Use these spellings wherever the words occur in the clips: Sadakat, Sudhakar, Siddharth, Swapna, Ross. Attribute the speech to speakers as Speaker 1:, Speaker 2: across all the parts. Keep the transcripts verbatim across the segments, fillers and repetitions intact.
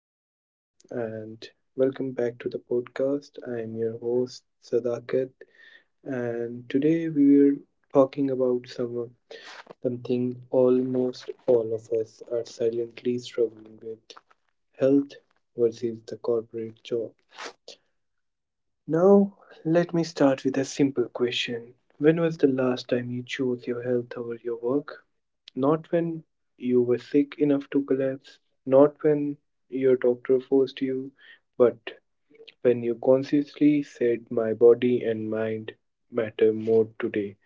Speaker 1: from. And welcome back to the podcast. I am your host, Sadakat. And today we are talking about some, something almost all of us are silently struggling with: health versus the corporate job. Now, let me start with a simple question. When was the last time you chose your health over your work? Not when you were sick enough to collapse, not when your doctor forced you, but when you consciously said, my body and mind matter more today.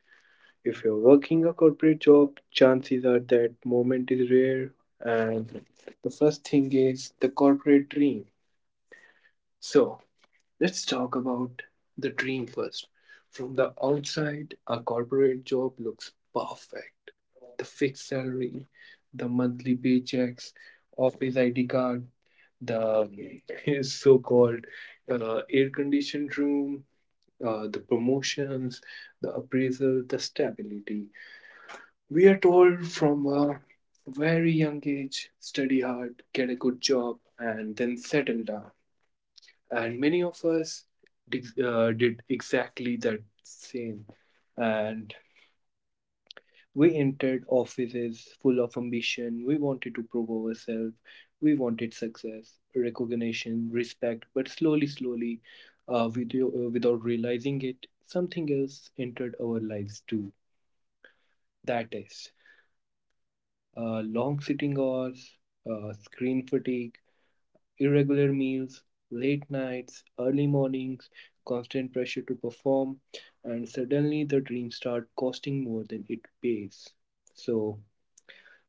Speaker 1: If you're working a corporate job, chances are that moment is rare, and the first thing is the corporate dream. So, let's talk about the dream first. From the outside, a corporate job looks perfect. The fixed salary, the monthly paychecks, office I D card, the so called uh, air conditioned room, uh, the promotions, the appraisal, the stability. We are told from a very young age: study hard, get a good job, and then settle down. And many of us did, uh, did exactly that same. And we entered offices full of ambition. We wanted to prove ourselves. We wanted success, recognition, respect. But slowly slowly, uh, with, uh, without realizing it, something else entered our lives too. That is uh, long sitting hours, uh, screen fatigue, irregular meals, late nights, early mornings, constant pressure to perform, and suddenly the dream start costing more than it pays. So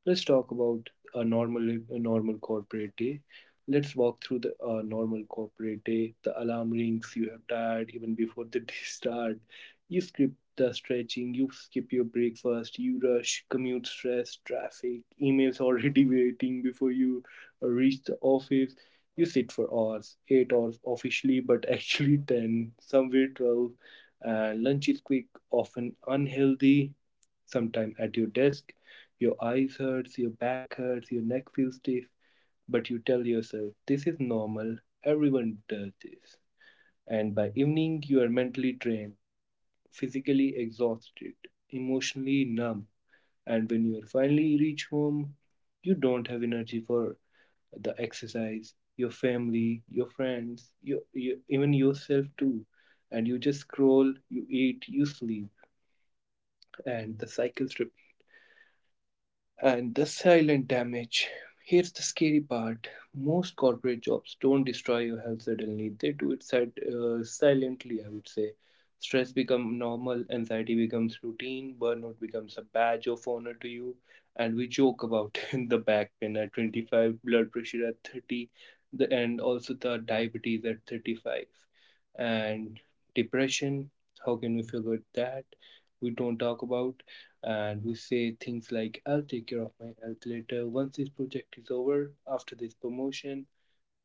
Speaker 1: let's talk about a normal a normal corporate day. Let's walk through the uh, normal corporate day. The alarm rings. You have tired even before the day start. You skip the stretching. You skip your breakfast. You rush, commute stress, traffic, emails already waiting before you uh, reach the office. You sit for hours, eight hours officially, but actually ten, somewhere twelve. And lunch is quick, often unhealthy. Sometime at your desk, your eyes hurts, your back hurts, your neck feels stiff, but you tell yourself this is normal, everyone does this. And by evening you are mentally drained, physically exhausted, emotionally numb, and when you finally reach home, you don't have energy for the exercise, your family, your friends, your, your even yourself too. And you just scroll, you eat, you sleep, and the cycle repeats. And the silent damage. Here's the scary part. Most corporate jobs don't destroy your health suddenly. They do it sil- uh, silently, I would say. Stress becomes normal, anxiety becomes routine, burnout becomes a badge of honor to you, and we joke about the back pain at twenty-five, blood pressure at thirty, the, and also the diabetes at thirty-five. And depression, how can we forget that? We don't talk about. And we say things like, I'll take care of my health later, once this project is over, after this promotion.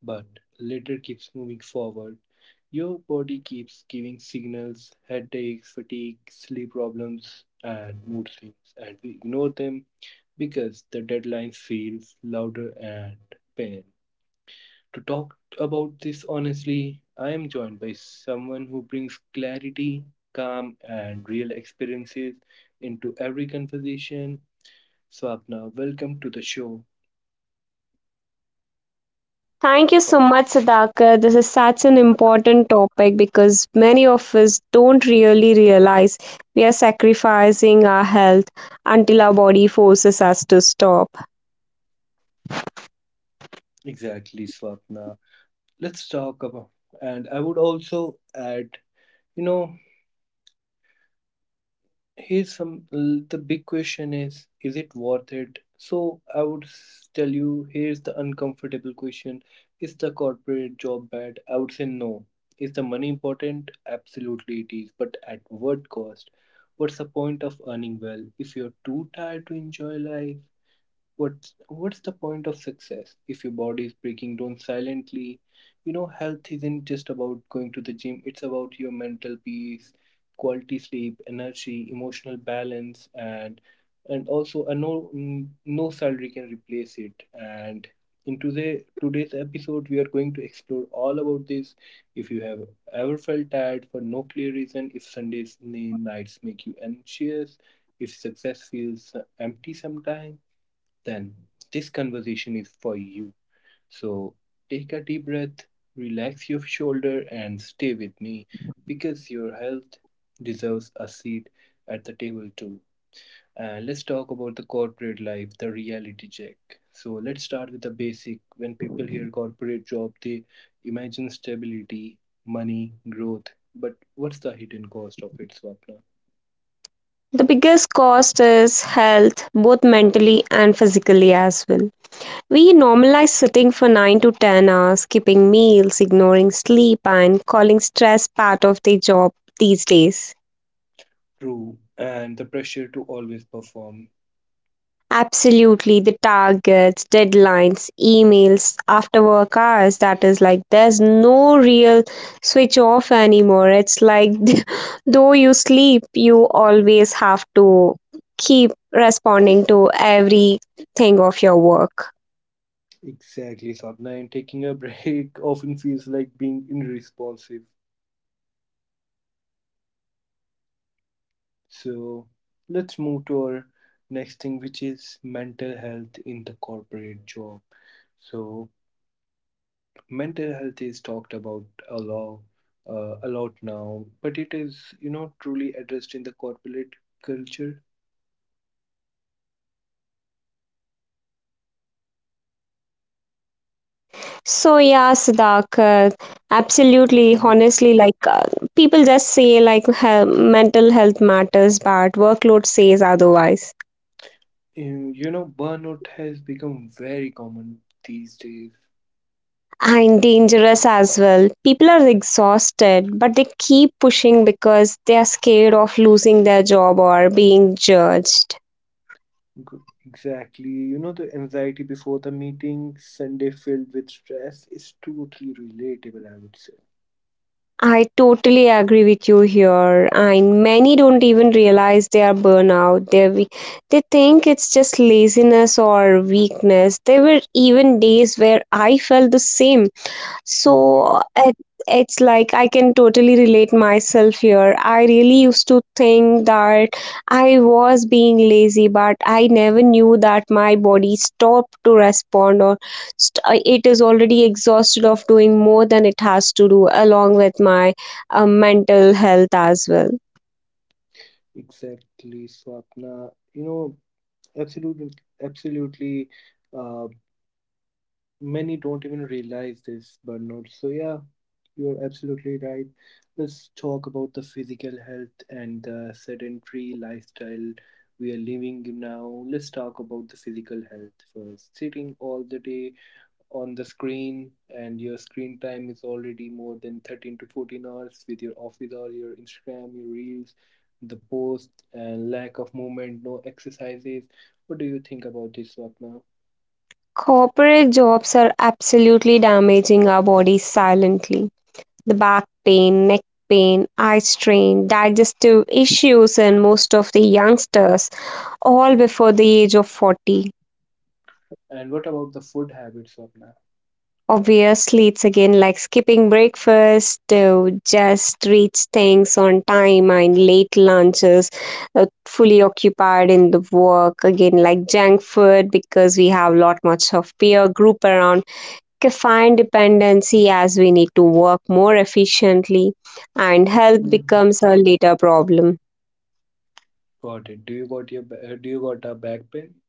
Speaker 1: But later keeps moving forward. Your body keeps giving signals: headaches, fatigue, sleep problems and mood swings, and we ignore them because the deadline feels louder and pain. To talk about this honestly, I am joined by someone who brings clarity, calm and real experiences into every conversation. Swapna, welcome to the show.
Speaker 2: Thank you so much, Sudhakar. This is such an important topic because many of us don't really realize we are sacrificing our health until our body forces us to stop.
Speaker 1: Exactly, Swapna. Let's talk about, and I would also add, you know, here's some, l- the big question is, is it worth it? So I would s- tell you, here's the uncomfortable question. Is the corporate job bad? I would say no. Is the money important? Absolutely it is, but at what cost? What's the point of earning well if you're too tired to enjoy life? what's what's the point of success if your body is breaking down silently? You know, health isn't just about going to the gym. It's about your mental peace, quality sleep, energy, emotional balance, and and also a no, mm, no salary can replace it. And in today today's episode we are going to explore all about this. If you have ever felt tired for no clear reason, if Sundays nights make you anxious, if success feels uh, empty sometimes, then this conversation is for you. So take a deep breath, relax your shoulder, and stay with me because your health deserves a seat at the table too. Uh, let's talk about the corporate life, the reality check. So let's start with the basic. When people hear corporate job, they imagine stability, money, growth. But what's the hidden cost of it, Swapna?
Speaker 2: The biggest cost is health, both mentally and physically as well. We normalize sitting for nine to ten hours, skipping meals, ignoring sleep, and calling stress part of the job these days.
Speaker 1: True, and the pressure to always perform.
Speaker 2: Absolutely, the targets, deadlines, emails, after work hours. That is like there's no real switch off anymore. It's like though you sleep, you always have to keep responding to everything of your work.
Speaker 1: Exactly, Sapna. And taking a break often feels like being irresponsive. So let's move to our next thing, which is mental health in the corporate job. So mental health is talked about a lot, uh, a lot now, but it is, you know, truly addressed in the corporate culture.
Speaker 2: So yeah, Siddharth, uh, absolutely,
Speaker 1: Mhm.
Speaker 2: honestly, like uh, people just say like he- mental health matters, but workload says otherwise.
Speaker 1: Um, You know, burnout has become very common these days.
Speaker 2: And dangerous as well. People are exhausted, but they keep pushing because they are scared of losing their job or being judged.
Speaker 1: G- Exactly. You know, the anxiety before the meeting, Sunday filled with stress, is totally relatable, I would say.
Speaker 2: I totally agree with you here, and many don't even realize they are burnout. They are- they think it's just laziness or weakness. There were even days where I felt the same.
Speaker 1: Mm-hmm.
Speaker 2: So it, it's like I can totally relate myself here. I really used to think that I was being lazy, but I never knew that my body stopped to respond or st- uh, it is already exhausted of doing more than it has to do, along with my uh, mental health as well.
Speaker 1: Exactly, Swapna. You know, absolutely, absolutely. Uh, Many don't even realize this, but not. So, yeah, you're absolutely right. Let's talk about the physical health and the sedentary lifestyle we are living now. Let's talk about the physical health first. Sitting all the day on the screen, and your screen time is already more than thirteen to fourteen hours with your office or your Instagram, your reels, the post, and lack of movement, no exercises. What do you think about this, Swapna?
Speaker 2: Corporate jobs are absolutely damaging our bodies silently. The back pain, neck pain, eye strain, digestive issues in most of the youngsters, all before the age of forty.
Speaker 1: And what about the food habits, Swapna?
Speaker 2: Obviously, it's again like skipping breakfast to just reach things on time and late lunches, uh, fully occupied in the work, again like junk food because we have lot much of peer group around, caffeine dependency as we need to work more efficiently, and health
Speaker 1: Mhm.
Speaker 2: becomes a later problem.
Speaker 1: Got it. Do you got your ba- uh, do you got a back pain?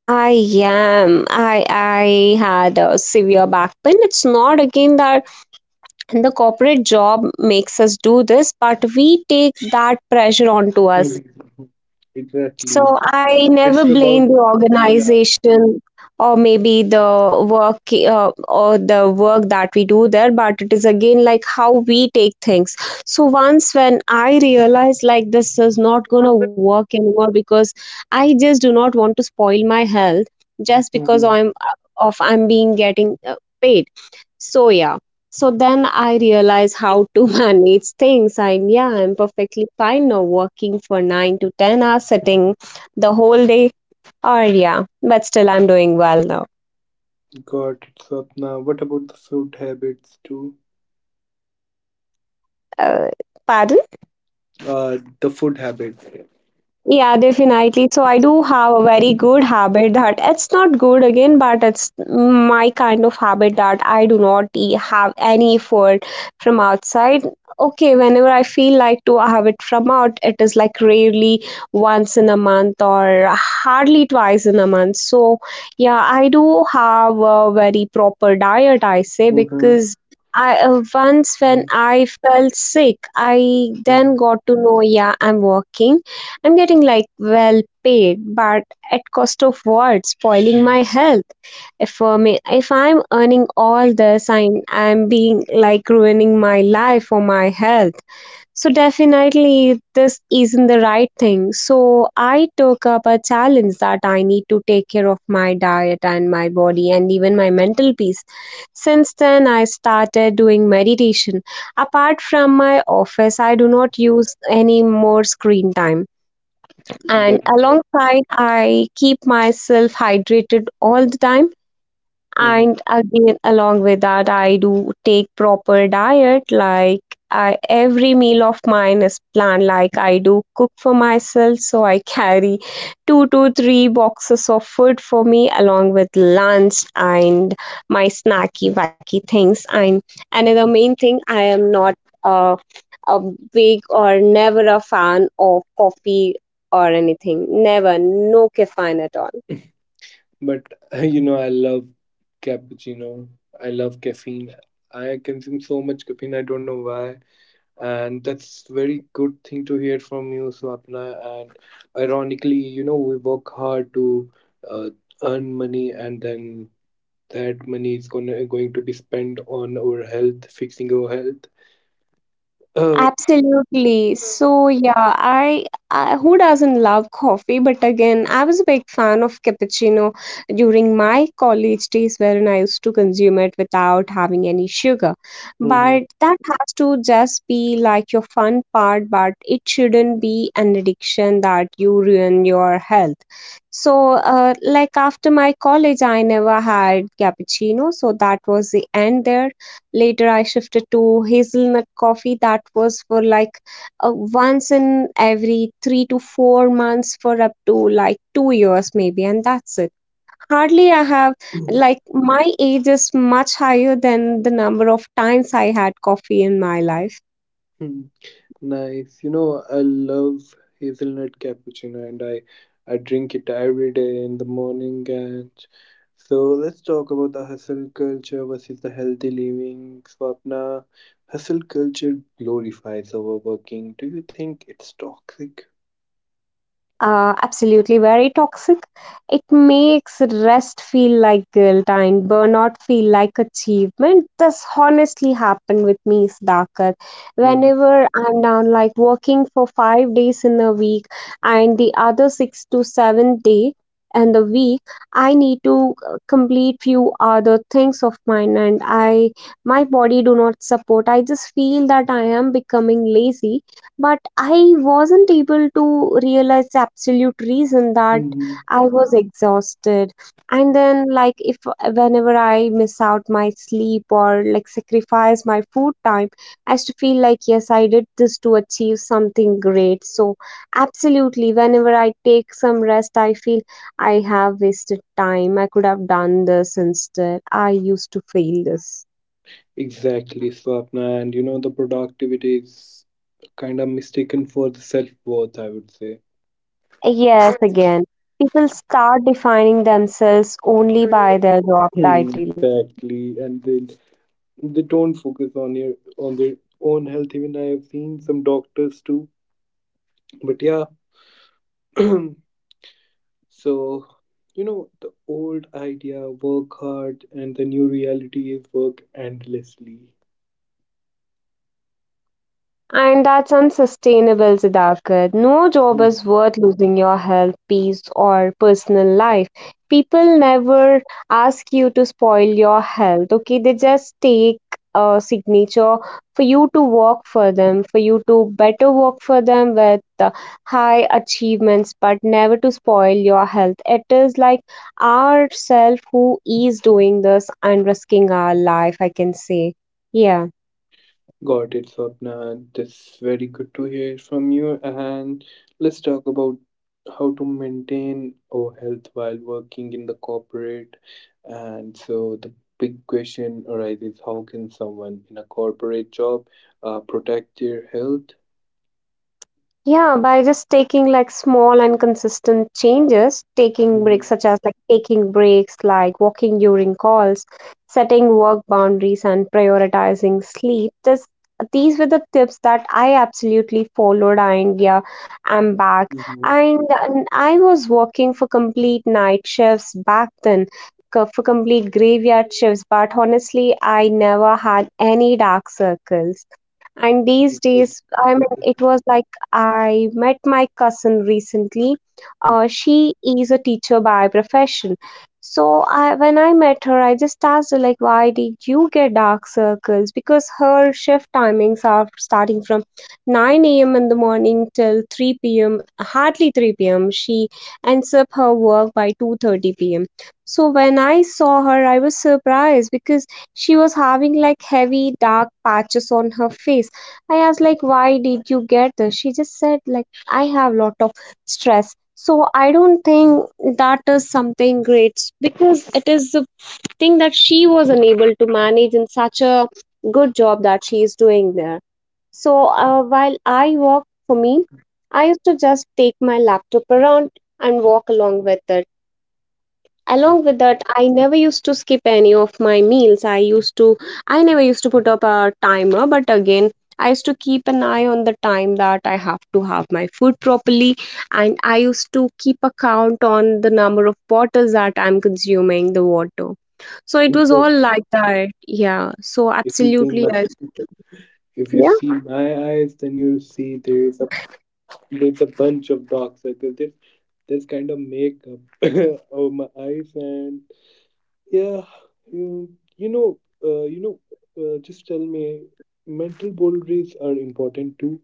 Speaker 2: I am. I I had a severe back pain. It's not again that the corporate job makes us do this, but we take that pressure onto us.
Speaker 1: Mhm. Exactly.
Speaker 2: So I never
Speaker 1: It's
Speaker 2: blame
Speaker 1: about,
Speaker 2: the
Speaker 1: yeah.
Speaker 2: organization or maybe the work uh, or the work that we do there, but it is again like how we take things. So once when I realized like this is not gonna work anymore because I just do not want to spoil my health just because
Speaker 1: Mhm.
Speaker 2: I'm uh, of I'm being getting uh, paid. So yeah. So then I realized how to manage things. And yeah, I'm perfectly fine now working for nine to ten hours sitting the whole day or yeah, but still I'm doing well now.
Speaker 1: Got it, Swapna. What about the food habits too?
Speaker 2: Uh, pardon?
Speaker 1: Uh, the food habits.
Speaker 2: Yeah, definitely. So I do have a very good habit that it's not good again, but it's my kind of habit that I do not e- have any food from outside. Okay, whenever I feel like to have it from out, it is like rarely once in a month or hardly twice in a month. So yeah, I do have a very proper diet, I say,
Speaker 1: Mhm.
Speaker 2: because I uh, once when
Speaker 1: Mhm.
Speaker 2: I felt sick, I
Speaker 1: Mhm.
Speaker 2: then got to know, yeah, I'm working, I'm getting like well paid, but at cost of what? Spoiling
Speaker 1: Mhm.
Speaker 2: my health. If um, if I'm earning all this, I'm I'm being like ruining my life or my health. So definitely this isn't the right thing. So I took up a challenge that I need to take care of my diet and my body and even my mental peace. Since then, I started doing meditation. Apart from my office, I do not use any more screen time, and
Speaker 1: That's all.
Speaker 2: alongside I keep myself hydrated all the time.
Speaker 1: Mhm.
Speaker 2: And again, along with that, I do take proper diet. Like I, every meal of mine is planned. Like I do cook for myself, so I carry two to three boxes of food for me, along with lunch and my snacky wacky things. And another main thing, I am not uh, a big or never a fan of coffee or anything. Never, no caffeine at all.
Speaker 1: But you know, I love cappuccino. I love caffeine. I consume so much caffeine. I don't know why. And that's very good thing to hear from you, Swapna. And ironically, you know, we work hard to uh, earn money, and then that money is gonna going to be spent on our health, fixing our health.
Speaker 2: Absolutely.
Speaker 1: uh,
Speaker 2: So yeah, I, I who doesn't love coffee? But again, I was a big fan of cappuccino during my college days, wherein I used to consume it without having any sugar. But that has to just be like your fun part, but it shouldn't be an addiction that you ruin your health. So, uh, like after my college, I never had cappuccino, so that was the end there. Later, I shifted to hazelnut coffee that was for like uh, once in every three to four months for up to like two years, maybe, and that's it. Hardly I have,
Speaker 1: mhm.
Speaker 2: like, my age is much higher than the number of times I had coffee in my life.
Speaker 1: Nice. You know, I love hazelnut cappuccino, and I I drink it every day in the morning. And so let's talk about the hustle culture versus the healthy living. So, apna, hustle culture glorifies overworking. Do you think it's toxic?
Speaker 2: Uh, absolutely, very toxic. It makes rest feel like guilt and burnout feel like achievement. This honestly happened with me, Siddharth.
Speaker 1: Mhm.
Speaker 2: Whenever I'm down, like working for five days in a week, and the other six to seven day in the week, I need to uh, complete few other things of mine, and I my body do not support. I just feel that I am becoming lazy, but I wasn't able to realize the absolute reason that
Speaker 1: Mhm.
Speaker 2: I was exhausted. And then, like, if whenever I miss out my sleep or like sacrifice my food time, I used to feel like, yes, I did this to achieve something great. So, absolutely, whenever I take some rest, I feel I have wasted time. I could have done this instead. I used to feel this.
Speaker 1: Exactly, Swapna, and you know the productivity is kind of mistaken for the self worth, I would say.
Speaker 2: Yes, again, people start defining themselves only by their job
Speaker 1: Hmm.
Speaker 2: title.
Speaker 1: Exactly, and then they don't focus on your on their own health. Even I have seen some doctors too, but yeah. So you know, the old idea, work hard, and the new reality is, work endlessly.
Speaker 2: And that's unsustainable, Siddharth. No job is worth losing your health, peace, or personal life. People never ask you to spoil your health, okay? They just take a signature for you to work for them, for you to better work for them with uh, high achievements, but never to spoil your health. It is like ourself who is doing this and risking our life, I can say. Yeah.
Speaker 1: Got it, Swapna. That's very good to hear from you. And let's talk about how to maintain our health while working in the corporate. And so the big question arises: how can someone in a corporate job uh, protect their health?
Speaker 2: Yeah, by just taking like small and consistent changes, taking breaks
Speaker 1: Mhm,
Speaker 2: such as like taking breaks, like walking during calls, setting work boundaries and prioritizing sleep. This These were the tips that I absolutely followed, and yeah, I'm back.
Speaker 1: mhm,
Speaker 2: And, and I was working for complete night shifts back then. co- For complete graveyard shifts, but honestly, I never had any dark circles. And these
Speaker 1: mhm. That's
Speaker 2: days, I
Speaker 1: good.
Speaker 2: mean, it was like I met my cousin recently. Uh, she is a teacher by profession. So I, when I met her, I just asked her like, why did you get dark circles? Because her shift timings are starting from nine a m in the morning till three p m. Hardly three p m. She ends up her work by two thirty p m. So when I saw her, I was surprised because she was having like heavy dark patches on her face. I asked like, why did you get this? She just said like, I have lot of stress. So I don't think that is something great because it is the thing that she was unable to manage in such a good job that she is doing there. So uh, while I work for me, I used to just take my laptop around and walk along with it. Along with that, I never used to skip any of my meals. I used to, I never used to put up a timer, but again, I used to keep an eye on the time that I have to have my food properly, and I used to keep a count on the number of bottles that I'm consuming the water. So it
Speaker 1: In
Speaker 2: was all
Speaker 1: fact,
Speaker 2: like that. Yeah, so
Speaker 1: if you see
Speaker 2: absolutely
Speaker 1: my
Speaker 2: I used to do.
Speaker 1: if you
Speaker 2: Yeah.
Speaker 1: see my eyes, then you see there is a there's a bunch of dark circles. This this kind of makeup over my eyes, and yeah, you, you know, uh, you know, uh, just tell me, mental boundaries are important too.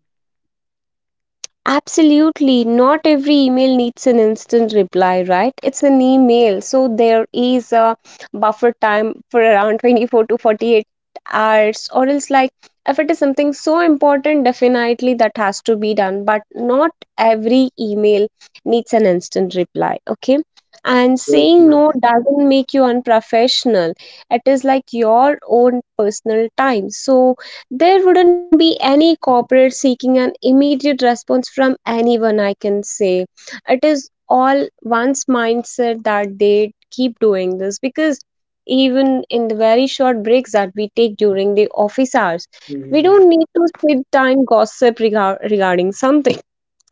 Speaker 2: Absolutely. Not every email needs an instant reply, right? It's an email. So there is a buffer time for around twenty-four to forty-eight hours, or else, like, if it is something so important, definitely that has to be done. But not every email needs an instant reply, okay? And saying
Speaker 1: Exactly.
Speaker 2: no doesn't make you unprofessional. It is like your own personal time. So there wouldn't be any corporate seeking an immediate response from anyone, I can say. It is all one's mindset that they keep doing this because even in the very short breaks that we take during the office hours, we
Speaker 1: Mhm.
Speaker 2: don't need to sit time gossip regar- regarding something.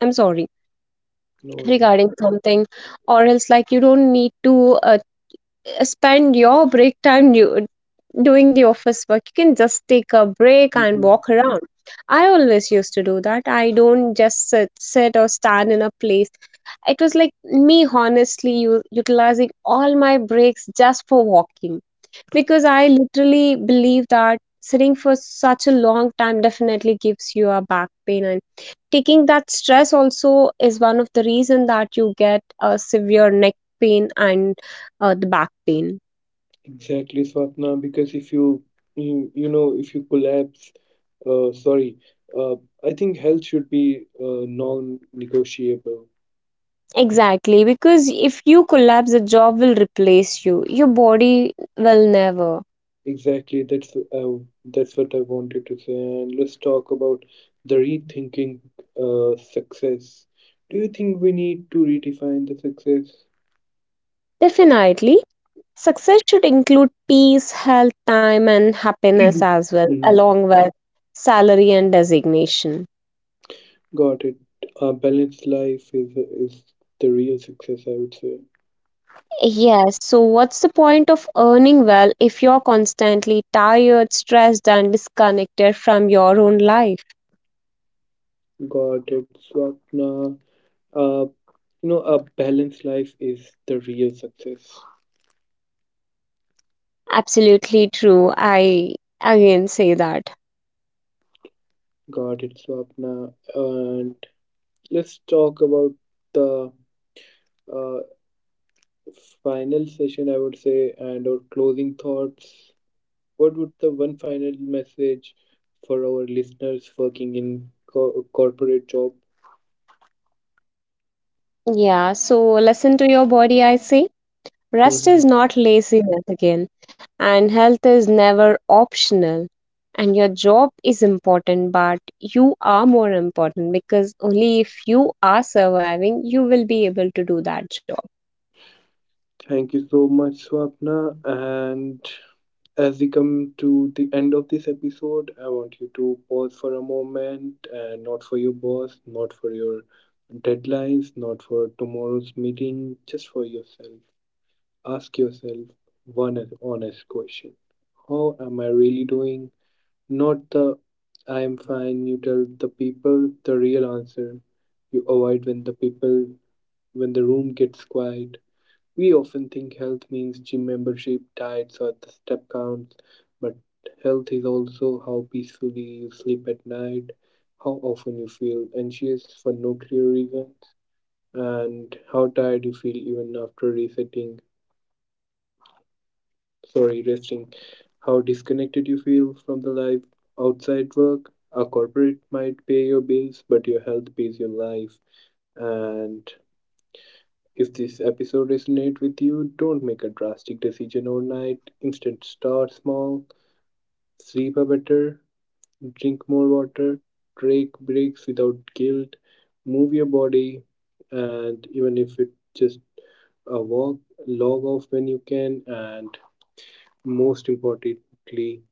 Speaker 2: I'm sorry,
Speaker 1: No worries.
Speaker 2: regarding something, or else, like, you don't need to uh, spend your break time do, doing the office work. You can just take a break and
Speaker 1: Hmm.
Speaker 2: walk around. I always used to do that. I don't just sit, sit or stand in a place. It was like me honestly u- utilizing all my breaks just for walking because I literally believe that sitting for such a long time definitely gives you a back pain, and taking that stress also is one of the reason that you get a severe neck pain and uh, the back pain.
Speaker 1: Exactly, Swapna. Because if you, you, you know, if you collapse, uh, sorry, uh, I think health should be uh, non-negotiable.
Speaker 2: Exactly, because if you collapse, the job will replace you. Your body will never.
Speaker 1: Exactly, that's uh, that's what I wanted to say. And let's talk about the rethinking uh, success. Do you think we need to redefine the success?
Speaker 2: Definitely, success should include peace, health, time, and happiness as well,
Speaker 1: Mm,
Speaker 2: along with salary and designation.
Speaker 1: got it. A balanced life is is the real success, I would say.
Speaker 2: Yes, so what's the point of earning well if you're constantly tired, stressed, and disconnected from your own life?
Speaker 1: Got it, Swapna. Uh, you know, a balanced life is the real success.
Speaker 2: Absolutely true. I again say that.
Speaker 1: Got it, Swapna. And let's talk about the uh, final session, I would say, and our closing thoughts. What would the one final message for our listeners working in co- corporate job?
Speaker 2: Yeah, so listen to your body, I say. Rest
Speaker 1: Mhm.
Speaker 2: is not laziness again, and health is never optional. And your job is important, but you are more important because only if you are surviving, you will be able to do that job.
Speaker 1: Thank you so much, Swapna. And as we come to the end of this episode, I want you to pause for a moment and not for your boss, not for your deadlines, not for tomorrow's meeting, just for yourself. Ask yourself one honest question: how am I really doing? Not the I am fine you tell the people, the real answer you avoid when the people, when the room gets quiet. We often think health means gym membership, diets, or the step counts, but health is also how peacefully you sleep at night, how often you feel anxious for no clear reasons, and how tired you feel even after resetting. sorry, resting, how disconnected you feel from the life outside work. A corporate might pay your bills, but your health pays your life. And if this episode resonates with you, don't make a drastic decision overnight. Instead, start small, sleep better, drink more water, take breaks without guilt, move your body, and even if it's just a walk, log off when you can, and most importantly,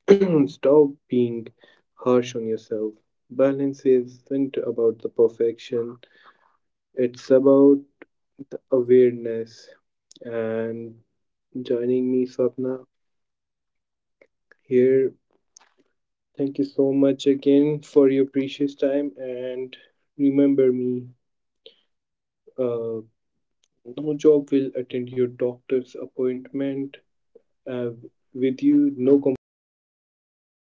Speaker 1: stop being harsh on yourself. Balance isn't about the perfection, it's about the awareness. And joining me, Swapna, here. Thank you so much again for your precious time. And remember me, uh, no job will attend your doctor's appointment. Uh, with you, no company will feel